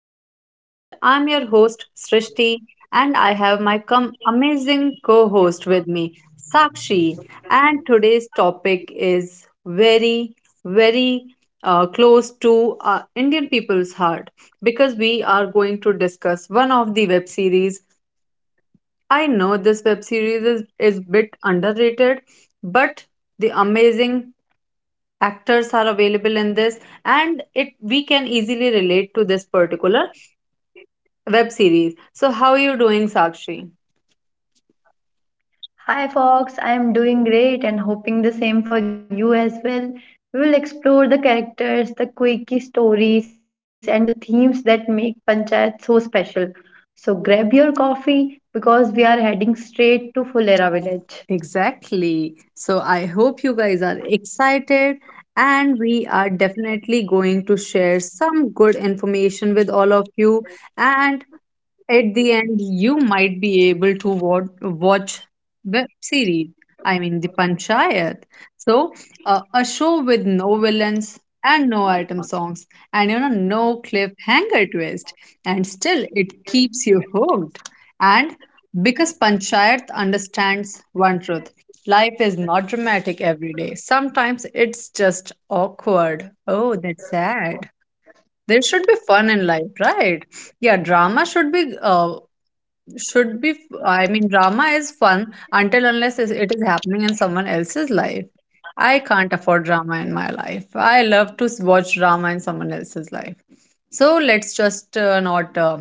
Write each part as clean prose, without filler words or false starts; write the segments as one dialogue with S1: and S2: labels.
S1: my podcast. I'm your host, Srishti, and I have my amazing co host with me, Sakshi. And today's topic is very, very close to Indian people's heart because we are going to discuss one of the web series. I know this web series is bit underrated, but the amazing actors are available in this and it we can easily relate to this particular web series. So how are you doing, Sakshi?
S2: Hi Fox, I am doing great and hoping the same for you as well. We will explore the characters, the quirky stories, and the themes that make Panchayat so special. So grab your coffee because we are heading straight to Fulera village.
S1: Exactly. So I hope you guys are excited, and we are definitely going to share some good information with all of you. And at the end, you might be able to watch web series. I mean, the Panchayat. So, a show with no villains and no item songs, and no cliffhanger twist, and still it keeps you hooked. And because Panchayat understands one truth. Life is not dramatic every day. Sometimes it's just awkward. Oh, that's sad. There should be fun in life, right? Yeah, drama should be should be, f- I mean, drama is fun until unless it is happening in someone else's life. I can't afford drama in my life. I love to watch drama in someone else's life. So let's just not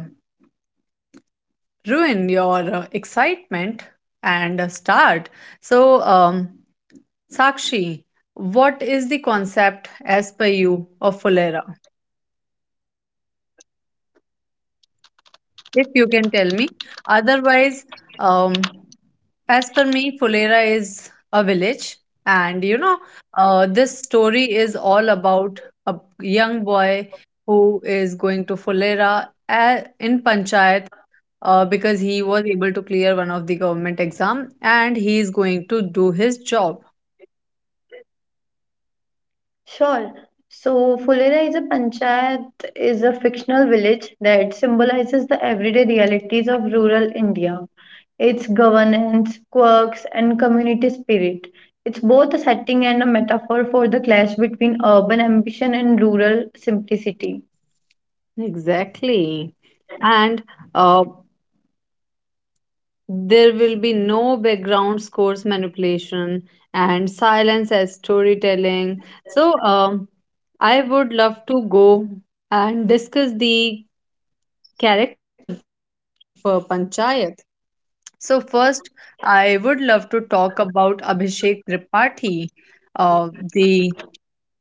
S1: ruin your excitement and start. So, Sakshi, what is the concept as per you of Fulera? If you can tell me. Otherwise, um, as per me, Fulera is a village, and this story is all about a young boy who is going to Fulera in Panchayat because he was able to clear one of the government exam, and he is going to do his job.
S2: Sure. So, Fulera is a panchayat, is a fictional village that symbolizes the everyday realities of rural India, its governance, quirks, and community spirit. It's both a setting and a metaphor for the clash between urban ambition and rural simplicity.
S1: Exactly. And uh, there will be no background scores manipulation and silence as storytelling. So, I would love to go and discuss the character of Panchayat. So, first, I would love to talk about Abhishek Tripathi, the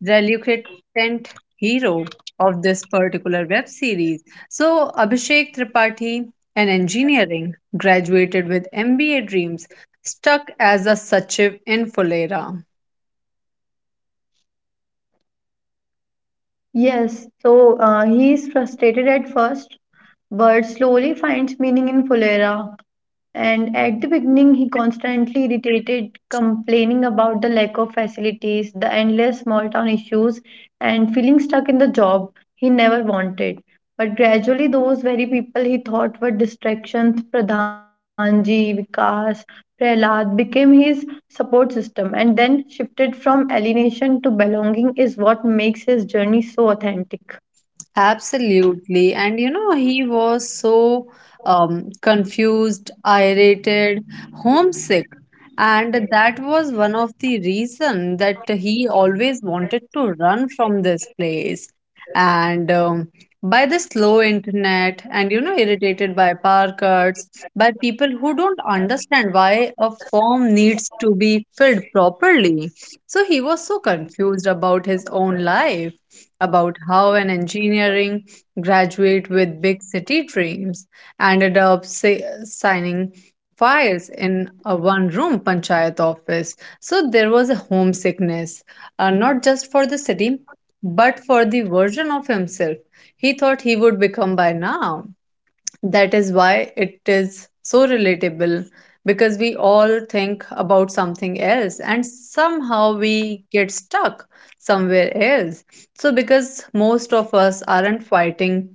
S1: reluctant hero of this particular web series. So, Abhishek Tripathi, an engineering, graduated with MBA dreams, stuck as a Sachiv in Fulera.
S2: Yes, so he is frustrated at first, but slowly finds meaning in Fulera, and at the beginning, he constantly irritated, complaining about the lack of facilities, the endless small town issues, and feeling stuck in the job he never wanted. But gradually, those very people he thought were distractions, Pradhanji, Vikas, Prahlad, became his support system and then shifted from alienation to belonging, is what makes his journey so authentic.
S1: Absolutely. And you know, he was so confused, irritated, homesick. And that was one of the reason that he always wanted to run from this place. And by the slow internet, and you know, irritated by power cuts, by people who don't understand why a form needs to be filled properly. So he was so confused about his own life, about how an engineering graduate with big city dreams ended up signing files in a one room panchayat office. So there was a homesickness, not just for the city, but for the version of himself he thought he would become by now. That is why it is so relatable, because we all think about something else and somehow we get stuck somewhere else. So, because most of us aren't fighting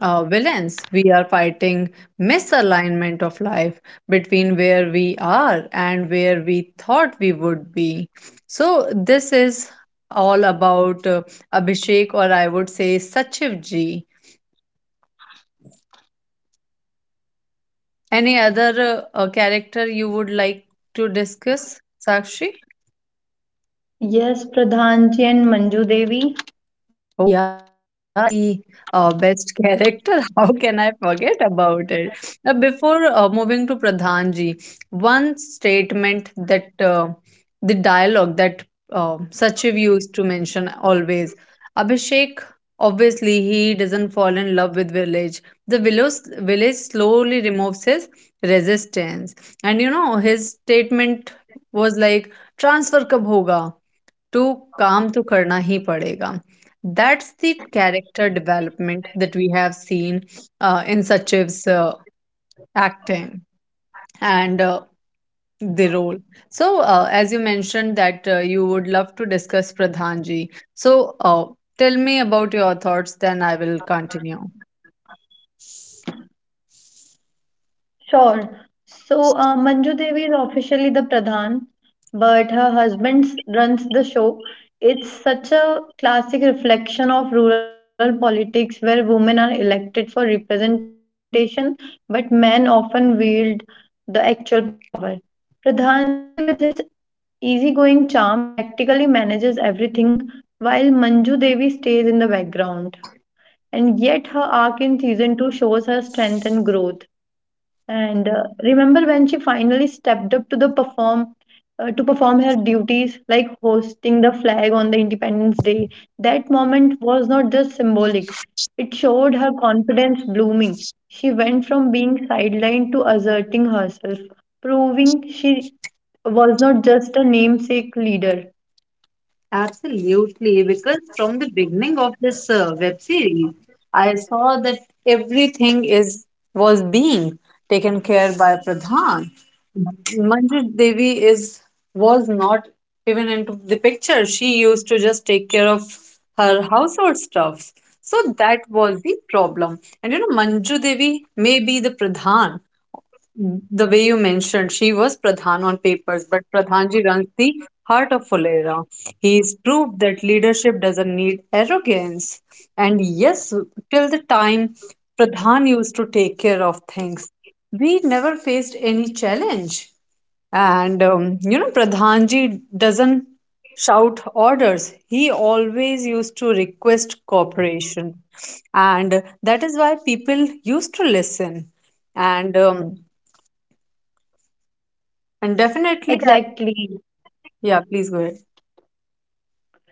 S1: villains, we are fighting misalignment of life between where we are and where we thought we would be. So, this is all about Abhishek, or I would say Sachiv ji. Any other character you would like to discuss, Sakshi?
S2: Yes, Pradhanji and Manju Devi.
S1: Oh, yeah, that is the best character. How can I forget about it? Now, before moving to Pradhan ji, one statement that the dialogue that Sachiv used to mention always, Abhishek, obviously, he doesn't fall in love with village. The village slowly removes his resistance. And you know, his statement was like, transfer kab hoga? To काम तो करना ही पड़ेगा। That's the character development that we have seen a, in Sachiv's acting and the role. So, as you mentioned that you would love to discuss Pradhanji, so, tell me about your thoughts, then I will continue.
S2: Sure. So, Manju Devi is officially the Pradhan, but her husband runs the show. It's such a classic reflection of rural politics where women are elected for representation, but men often wield the actual power. Pradhanji, with his easygoing charm, practically manages everything, while Manju Devi stays in the background. And yet, her arc in season 2 shows her strength and growth. And remember when she finally stepped up to perform her duties, like hosting the flag on the Independence Day. That moment was not just symbolic; it showed her confidence blooming. She went from being sidelined to asserting herself, proving she was not just a namesake leader.
S1: Absolutely, because from the beginning of this web series, I saw that everything is was being taken care by Pradhan. Manju Devi is was not even into the picture. She used to just take care of her household stuff. So that was the problem. And you know, Manju Devi may be the Pradhan, the way you mentioned, she was Pradhan on papers, but Pradhanji runs the heart of Fulera. He's proved that leadership doesn't need arrogance. And yes, till the time Pradhan used to take care of things, we never faced any challenge. And you know, Pradhanji doesn't shout orders, he always used to request cooperation. And that is why people used to listen. And and definitely, I,
S2: Exactly.
S1: yeah, please go ahead.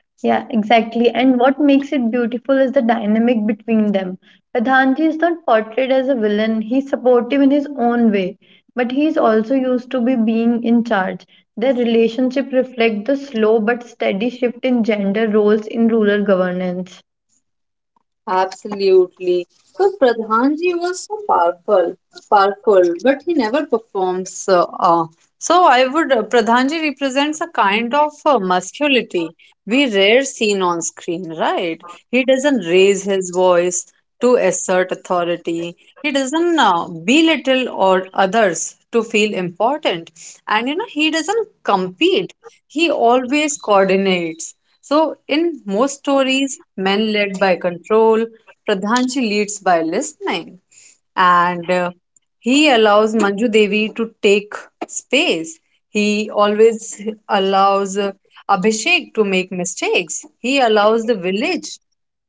S2: Yeah, exactly. And what makes it beautiful is the dynamic between them. Pradhanji is not portrayed as a villain. He's supportive in his own way, but he's also used to be being in charge. Their relationship reflects the slow but steady shift in gender roles in rural governance.
S1: Absolutely. So Pradhanji was so powerful, but he never performs. So I would Pradhanji represents a kind of masculinity we rare seen on screen, right? He doesn't raise his voice to assert authority. He doesn't belittle or others to feel important, and you know he doesn't compete. He always coordinates. So in most stories, men led by control, Pradhanji leads by listening, and he allows Manju Devi to take space. He always allows Abhishek to make mistakes. He allows the village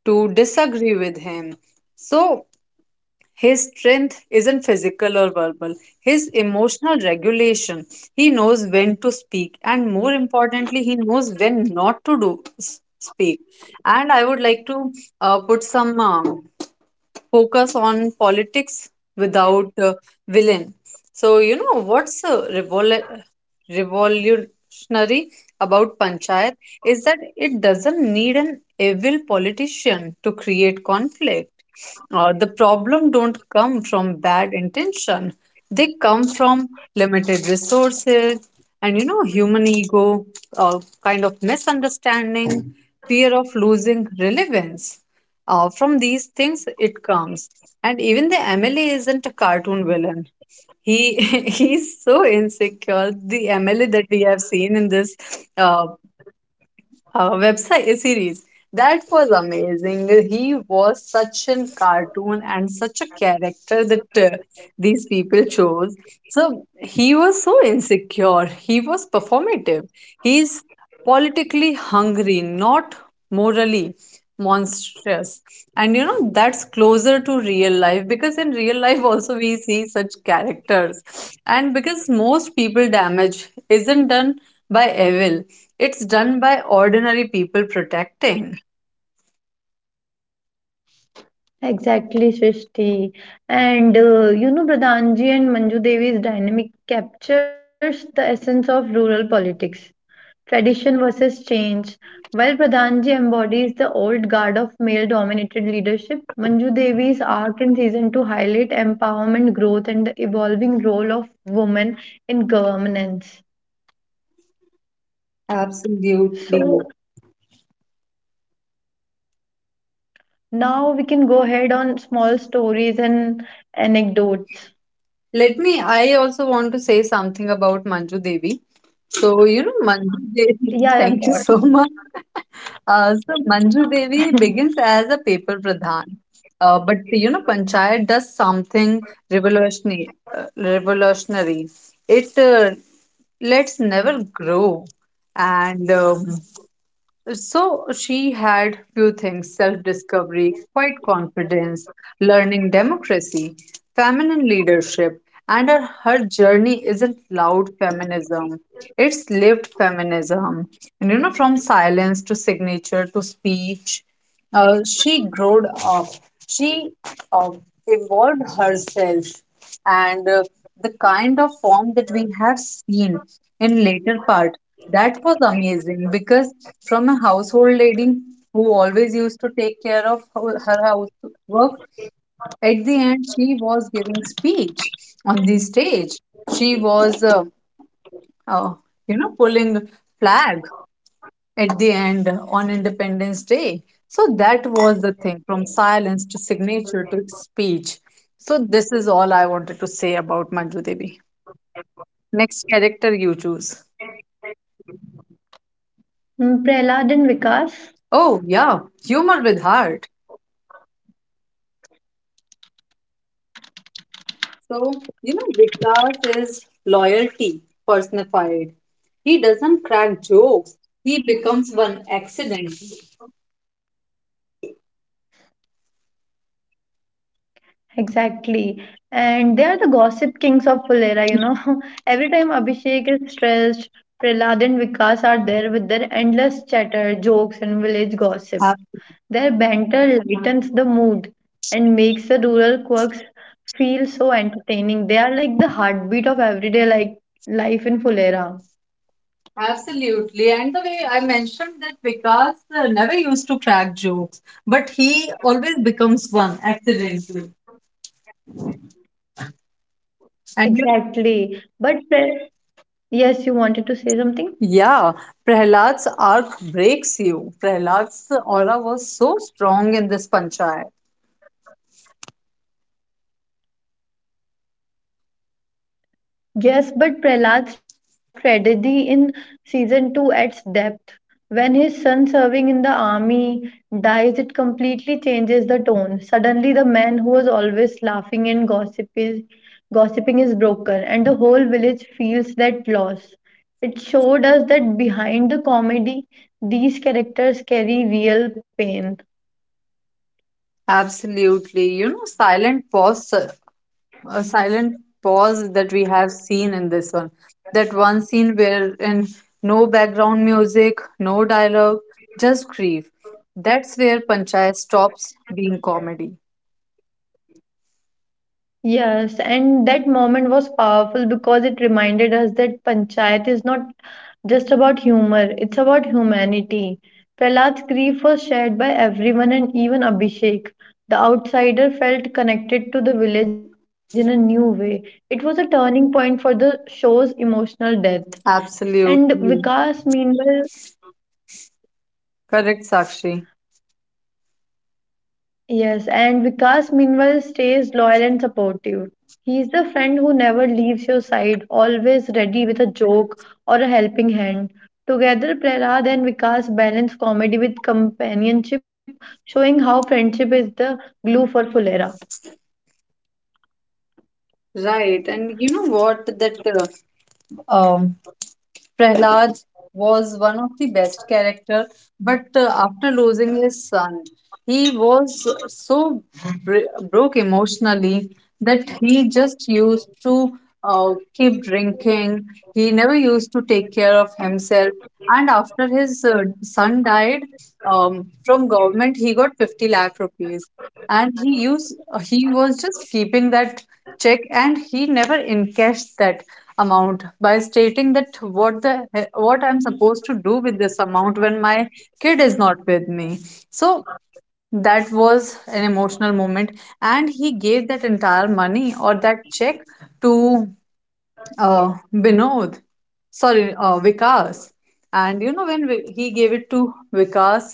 S1: to disagree with him. So his strength isn't physical or verbal, his emotional regulation. He knows when to speak, and more importantly, he knows when not to speak. And I would like to put some focus on politics without villain. So, you know, what's revolutionary about Panchayat is that it doesn't need an evil politician to create conflict. The problem don't come from bad intention. They come from limited resources and you know human ego, kind of misunderstanding, fear of losing relevance. From these things, it comes. And even the MLA isn't a cartoon villain. He he's so insecure. The MLA that we have seen in this uh, website series, that was amazing. He was such a cartoon and such a character that these people chose. So he was so insecure. He was performative. He's politically hungry, not morally monstrous. And you know, that's closer to real life, because in real life also we see such characters. And because most people damage isn't done by evil, it's done by ordinary people protecting.
S2: Exactly, Srishti. And you know, Pradhanji and Manju Devi's dynamic captures the essence of rural politics. Tradition versus change. While Pradhanji embodies the old guard of male dominated leadership, Manju Devi's arc in season 2 highlight empowerment, growth, and the evolving role of women in governance.
S1: Absolutely.
S2: So now we can go ahead on small stories and anecdotes.
S1: Let me, I also want to say something about Manju Devi. So, you know, Manju
S2: Yeah, yeah,
S1: Devi,
S2: sure.
S1: thank you so much. So, Manju Devi begins as a paper pradhan. But, you know, Panchayat does something revolutionary. It lets never grow. And so she had few things: self discovery, quiet confidence, learning democracy, feminine leadership, and her journey isn't loud feminism. It's lived feminism. And you know, from silence to signature to speech. She grew up. She uh, evolved herself, and the kind of form that we have seen in later part, that was amazing, because from a household lady who always used to take care of her housework, at the end she was giving speech on the stage. She was, uh, you know, pulling flag at the end on Independence Day. So that was the thing, from silence to signature to speech. So this is all I wanted to say about Manju Devi. Next character you choose.
S2: Mm, Prahlad and Vikas.
S1: Oh, yeah, humor with heart. So, you know, Vikas is loyalty personified. He doesn't crack jokes, he becomes one accidentally.
S2: Exactly. And they are the gossip kings of Fulera, you know. Every time Abhishek is stressed, Prahlad and Vikas are there with their endless chatter, jokes, and village gossip. Their banter lightens the mood and makes the rural quirks feel so entertaining. They are like the heartbeat of everyday like life in Fulera.
S1: Absolutely. And the way I mentioned that Vikas never used to crack jokes, but he always becomes one accidentally. And you
S2: Exactly. But yes, you wanted to say something?
S1: yeah, Prahlad's arc breaks you. Prahlad's aura was so strong in this panchayat.
S2: Yes, but Prahlad's tragedy in season 2 adds depth. When his son serving in the army dies, it completely changes the tone. Suddenly, the man who was always laughing and gossiping is broken, and the whole village feels that loss. It showed us that behind the comedy, these characters carry real pain.
S1: Absolutely. You know, silent pause a silent pause that we have seen in this one. That one scene where in no background music, no dialogue, just grief. That's where Panchayat stops being comedy.
S2: Yes, and that moment was powerful because it reminded us that panchayat is not just about humor, it's about humanity. Prahlad's grief was shared by everyone and even Abhishek. The outsider felt connected to the village in a new way. It was a turning point for the show's emotional depth. And
S1: Absolutely.
S2: Vikas, meanwhile,
S1: Correct, Sakshi.
S2: yes, and Vikas meanwhile stays loyal and supportive. He is the friend who never leaves your side, always ready with a joke or a helping hand. Together, Prahlad and Vikas balance comedy with companionship, showing how friendship is the glue for Fulera.
S1: Right. And you know what? That uh, um, Prahlad was one of the best character, but after losing his son, he was so broke emotionally that he just used to keep drinking. He never used to take care of himself. And after his son died, from government he got 50 lakh rupees, and he was just keeping that check, and he never encashed that amount, by stating that what the what I'm supposed to do with this amount when my kid is not with me. So that was an emotional moment, and he gave that entire money or that check to binod sorry Vikas. And you know, when he gave it to Vikas,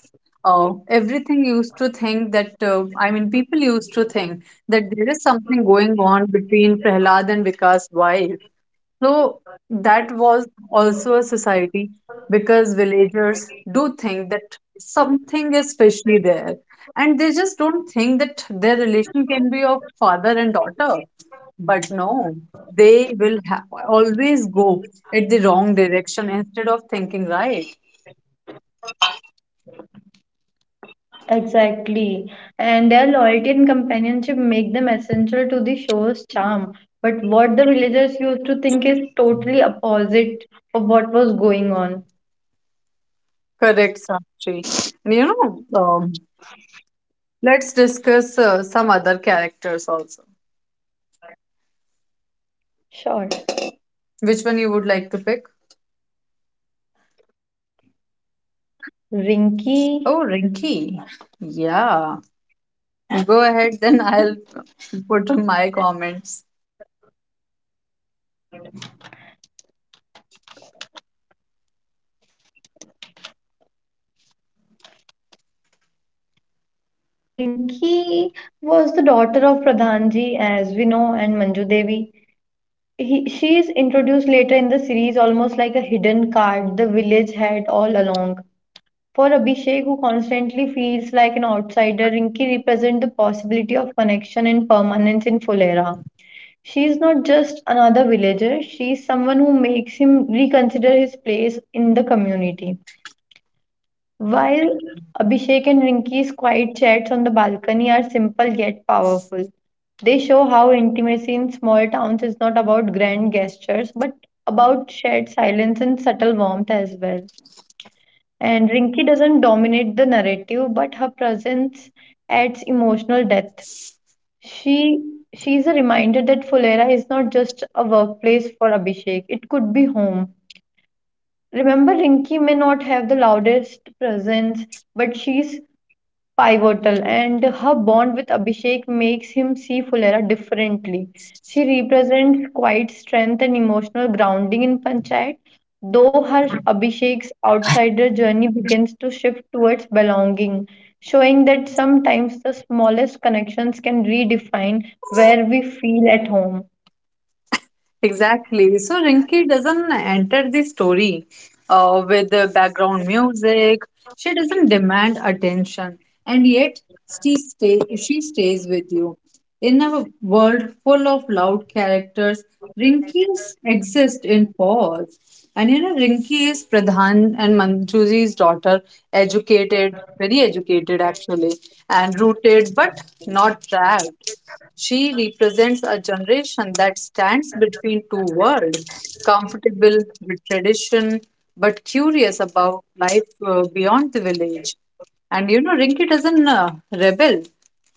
S1: everything used to think that I mean, people used to think that there is something going on between Prahlad and Vikas wife. So that was also a society, because villagers do think that something is fishy there, and they just don't think that their relation can be of father and daughter. But no, they will always go at the wrong direction instead of thinking right.
S2: Exactly. And their loyalty and companionship make them essential to the show's charm. But what the villagers used to think is totally opposite of what was going on.
S1: Correct, Sakshi. And you know, let's discuss some other characters also.
S2: Sure.
S1: Which one you would like to pick?
S2: Rinky.
S1: Oh, Rinky. Yeah. Go ahead, then I'll put on my comments.
S2: Rinki was the daughter of Pradhanji, as we know, and Manju Devi. She is introduced later in the series almost like a hidden card the village had all along. For Abhishek, who constantly feels like an outsider, Rinki represents the possibility of connection and permanence in Fulera. She is not just another villager, she is someone who makes him reconsider his place in the community. While Abhishek and Rinky's quiet chats on the balcony are simple yet powerful, they show how intimacy in small towns is not about grand gestures but about shared silence and subtle warmth as well. And Rinky doesn't dominate the narrative, but her presence adds emotional depth. She she is a reminder that Fulera is not just a workplace for Abhishek; it could be home. Remember, Rinky may not have the loudest presence, but she's pivotal, and her bond with Abhishek makes him see Fulera differently. She represents quiet strength and emotional grounding in Panchayat, though her Abhishek's outsider journey begins to shift towards belonging, showing that sometimes the smallest connections can redefine where we feel at home.
S1: Exactly. So Rinki doesn't enter the story with the background music. She doesn't demand attention, and yet she stays with you. In a world full of loud characters, Rinkies exist in pause. And you know, Rinki is Pradhan and Manjuji's daughter, educated, very educated actually, and rooted but not trapped. She represents a generation that stands between two worlds, comfortable with tradition but curious about life beyond the village. And you know, Rinki doesn't rebel.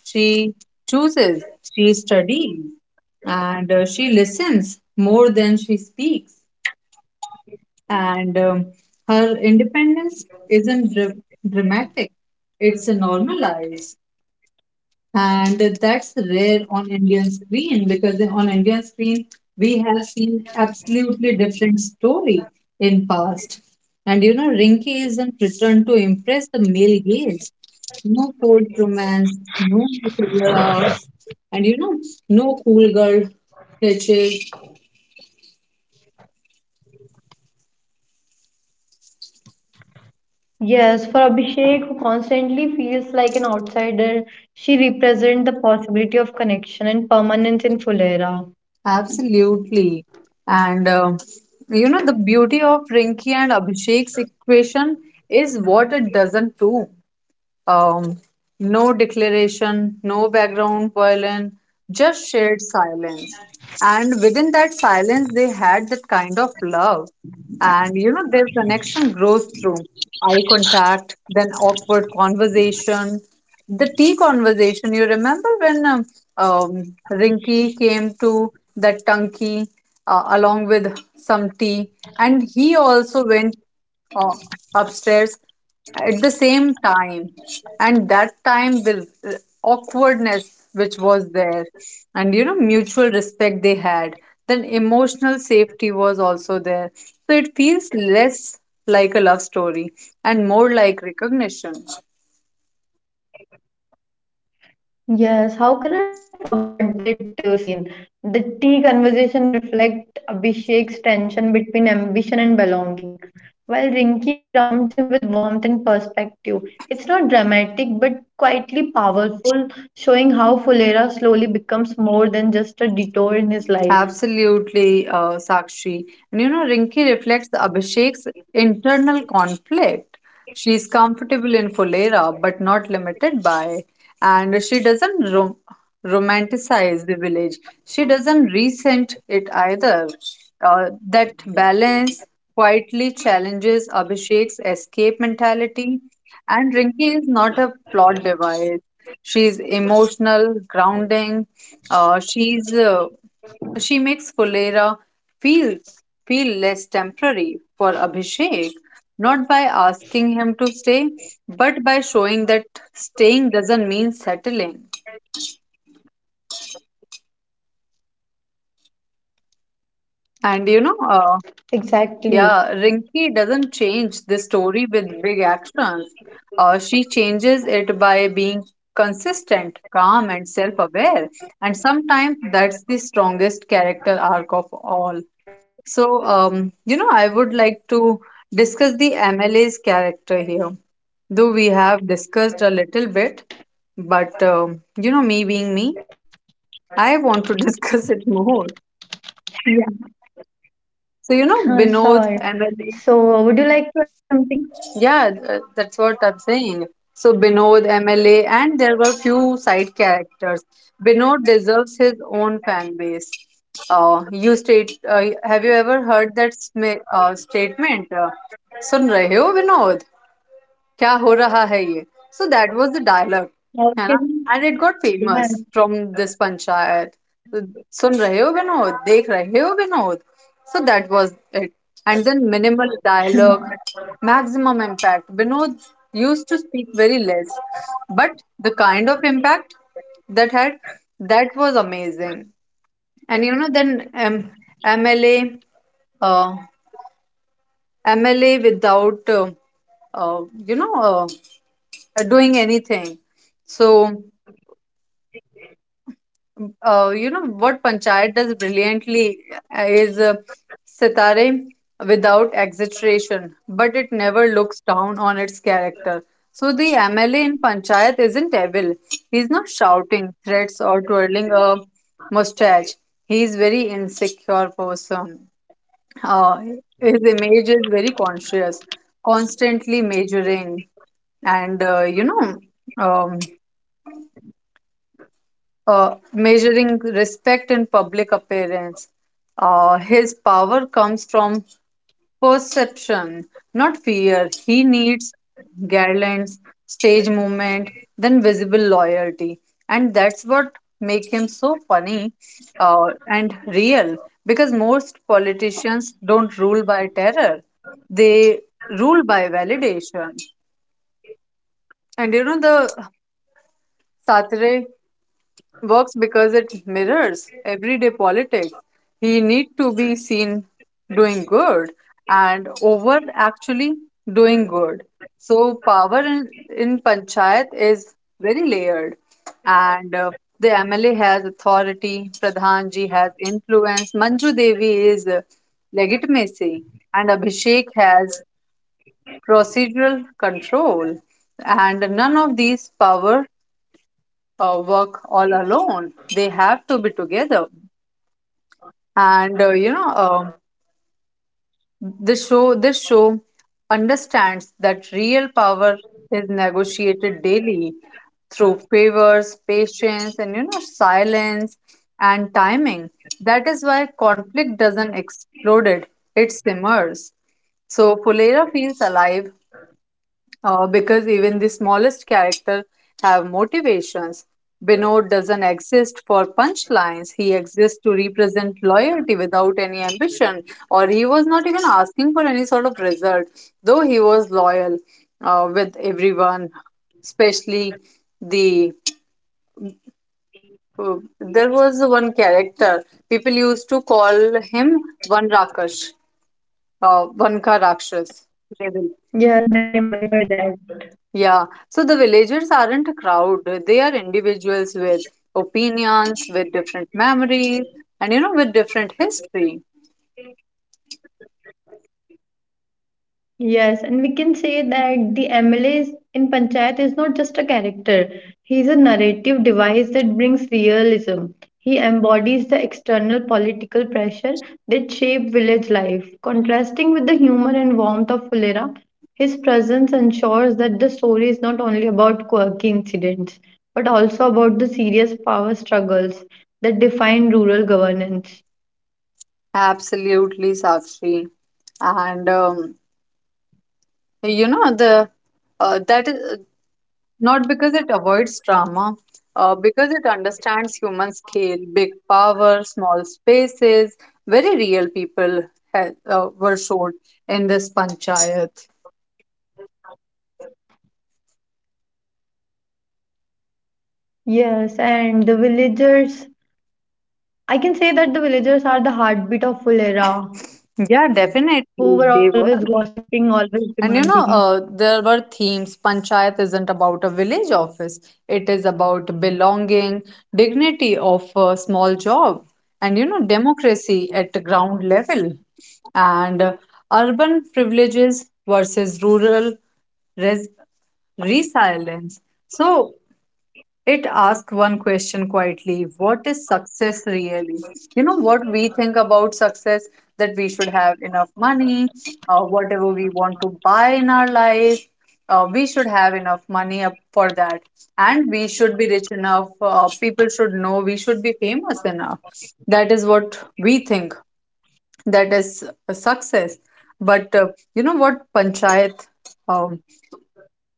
S1: She chooses, she studies, and she listens more than she speaks. And her independence isn't dramatic, it's a normalized, and that's rare on Indian screen, because on Indian screen we have seen absolutely different story in past. And you know, Rinki isn't returned to impress the male gaze. No cold romance, no silver arcs, and you know, no cool girl pitches.
S2: Yes, for Abhishek, who constantly feels like an outsider, she represents the possibility of connection and permanence in Fulera.
S1: Absolutely. And you know, the beauty of Rinki and Abhishek's equation is what it doesn't do. Um, no declaration, no background violin, just shared silence. And within that silence, they had that kind of love. And you know, their connection grows through eye contact, then awkward conversation. The tea conversation, you remember when Rinky came to that Tunky along with some tea, and he also went uh, upstairs at the same time, and that time awkwardness which was there, and you know, mutual respect they had, then emotional safety was also there, so it feels less like a love story and more like recognition.
S2: Yes, how can I forget that scene? The tea conversation reflect Abhishek's tension between ambition and belonging, while Rinki grounds him with warmth and perspective. It's not dramatic but quietly powerful, showing how Fulera slowly becomes more than just a detour in his life.
S1: Absolutely, Sakshi. And you know, Rinki reflects Abhishek's internal conflict. She's comfortable in Fulera, but not limited by, and she doesn't romanticize the village. She doesn't resent it either. That balance quietly challenges Abhishek's escape mentality. And Rinki is not a plot device. She's emotional, grounding, uh, she's uh, she makes Fulera feel feel less temporary for Abhishek, not by asking him to stay, but by showing that staying doesn't mean settling. And you know, uh, yeah,
S2: Exactly.
S1: Rinki doesn't change the story with big actions. She changes it by being consistent, calm, and self aware. And sometimes that's the strongest character arc of all. So, you know, I would like to discuss the MLA's character here. Though we have discussed a little bit, but you know, me being me, I want to discuss it more. So, you know,
S2: Yeah,
S1: Binod,
S2: sure.
S1: MLA,
S2: So, would you like to add something?
S1: yeah, that's what I'm saying. So, Binod, MLA, and there were few side characters. Binod deserves his own fan base. You state, have you ever heard that statement? Sun rahe ho, Vinod? क्या हो रहा है ये? So that was the dialogue,
S2: How
S1: है ना?
S2: can-
S1: And it got
S2: yes,
S1: famous from this panchayat. तो सुन रहे हो विनोद? देख रहे हो Vinod? So that was it. And then minimal dialogue, maximum impact. Vinod used to speak very less, but the kind of impact that had, that was amazing. And you know, then um, MLA, uh, MLA without, uh, you know. Uh, doing anything. So, you know, what Panchayat does brilliantly is sitare without exaggeration, but it never looks down on its character. So, the MLA in Panchayat isn't evil. He's not shouting threats or twirling a mustache. He's very insecure person. Uh, his image is very conscious, constantly measuring, and um, measuring respect in public appearance. His power comes from perception, not fear. He needs garlands, stage movement, then visible loyalty. And that's what make him so funny and real, because most politicians don't rule by terror. They rule by validation. And you know, the Satre works because it mirrors everyday politics. He need to be seen doing good and over actually doing good. So power in panchayat is very layered, and the MLA has authority, Pradhanji has influence, Manju Devi is legitimacy, and Abhishek has procedural control. And none of these power work all alone. They have to be together. And you know, the show this show understands that real power is negotiated daily through favors, patience, and you know, silence and timing. That is why conflict doesn't explode; it simmers. So Fulera feels alive, because even the smallest character have motivations. Binod doesn't exist for punchlines. He exists to represent loyalty without any ambition, or he was not even asking for any sort of result, though he was loyal with everyone, especially the. uh, there was one character, people used to call him Vanrakash, Vanka Rakshas.
S2: yes, I remember that.
S1: Yeah, so the villagers aren't a crowd, they are individuals with opinions, with different memories, and you know, with different history.
S2: Yes, and we can say that the MLA in Panchayat is not just a character. He is a narrative device that brings realism. He embodies the external political pressure that shape village life. Contrasting with the humor and warmth of Fulera, his presence ensures that the story is not only about quirky incidents, but also about the serious power struggles that define rural governance.
S1: Absolutely, Sakshi. And you know, the that is not because it avoids drama, because it understands human scale, big power, small spaces, very real people were shown in this panchayat.
S2: Yes, and the villagers I can say that the villagers are the heartbeat of Fulera,
S1: Yeah,
S2: who were
S1: definitely,
S2: always
S1: they were.
S2: gossiping, always demanding.
S1: And you know, there were themes. Panchayat isn't about a village office, it is about belonging, dignity of a small job, and you know, democracy at the ground level, and urban privileges versus rural res- resilience. So, it asks one question quietly: what is success really? You know what we think about success, that we should have enough money, whatever we want to buy in our life, we should have enough money up for that. And we should be rich enough, people should know, we should be famous enough. That is what we think, that is a success. But you know what, Panchayat? um,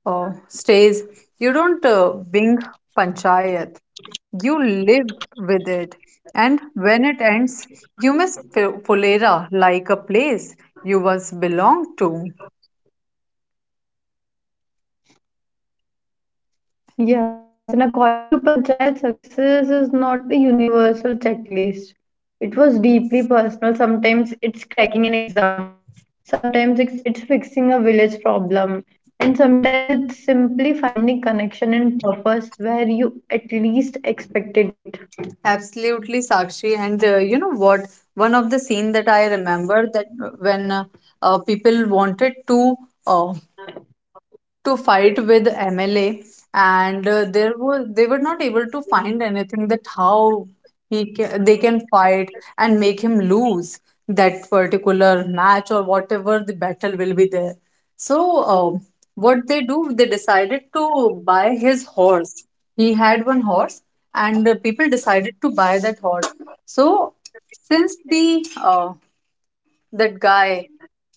S1: Stays. You don't wing panchayat. You live with it. And when it ends, you miss Fulera like a place you once belonged to.
S2: Yes, and according to Panchayat, success is not a universal checklist. It was deeply personal. Sometimes it's cracking an exam, sometimes it's fixing a village problem, and sometimes it's simply finding connection and purpose where you at least expected it.
S1: Absolutely, Sakshi. And you know what? One of the scene that I remember, that when people wanted uh, to fight with MLA, and there was they were not able to find anything, that how they can fight and make him lose that particular match or whatever the battle will be there. So um what they do, they decided to buy his horse. He had one horse, and people decided to buy that horse. So since the that guy,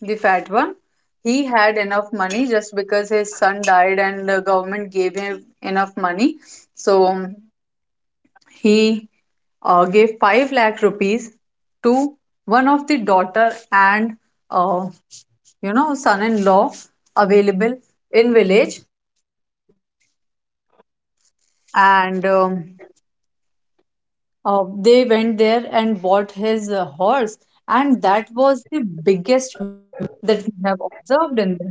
S1: the fat one, he had enough money just because his son died and the government gave him enough money. So he gave 5 lakh rupees to one of the daughter and uh, you know, son-in-law available in village, and they went there and bought his horse, and that was the biggest myth that we have observed in this.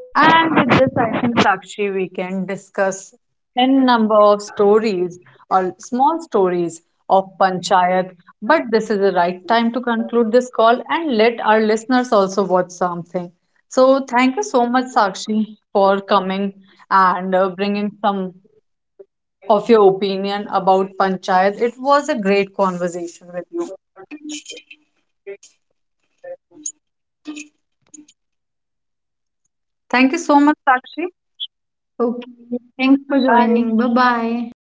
S1: And with this, I think Sakshi, we can discuss n number of stories or small stories of panchayat. But this is the right time to conclude this call and let our listeners also watch something. So thank you so much, Sakshi, for coming and bringing some of your opinion about panchayat. It was a great conversation with you. Thank you so much, Sakshi.
S2: Okay, thanks for joining.
S1: Bye.
S2: Bye bye.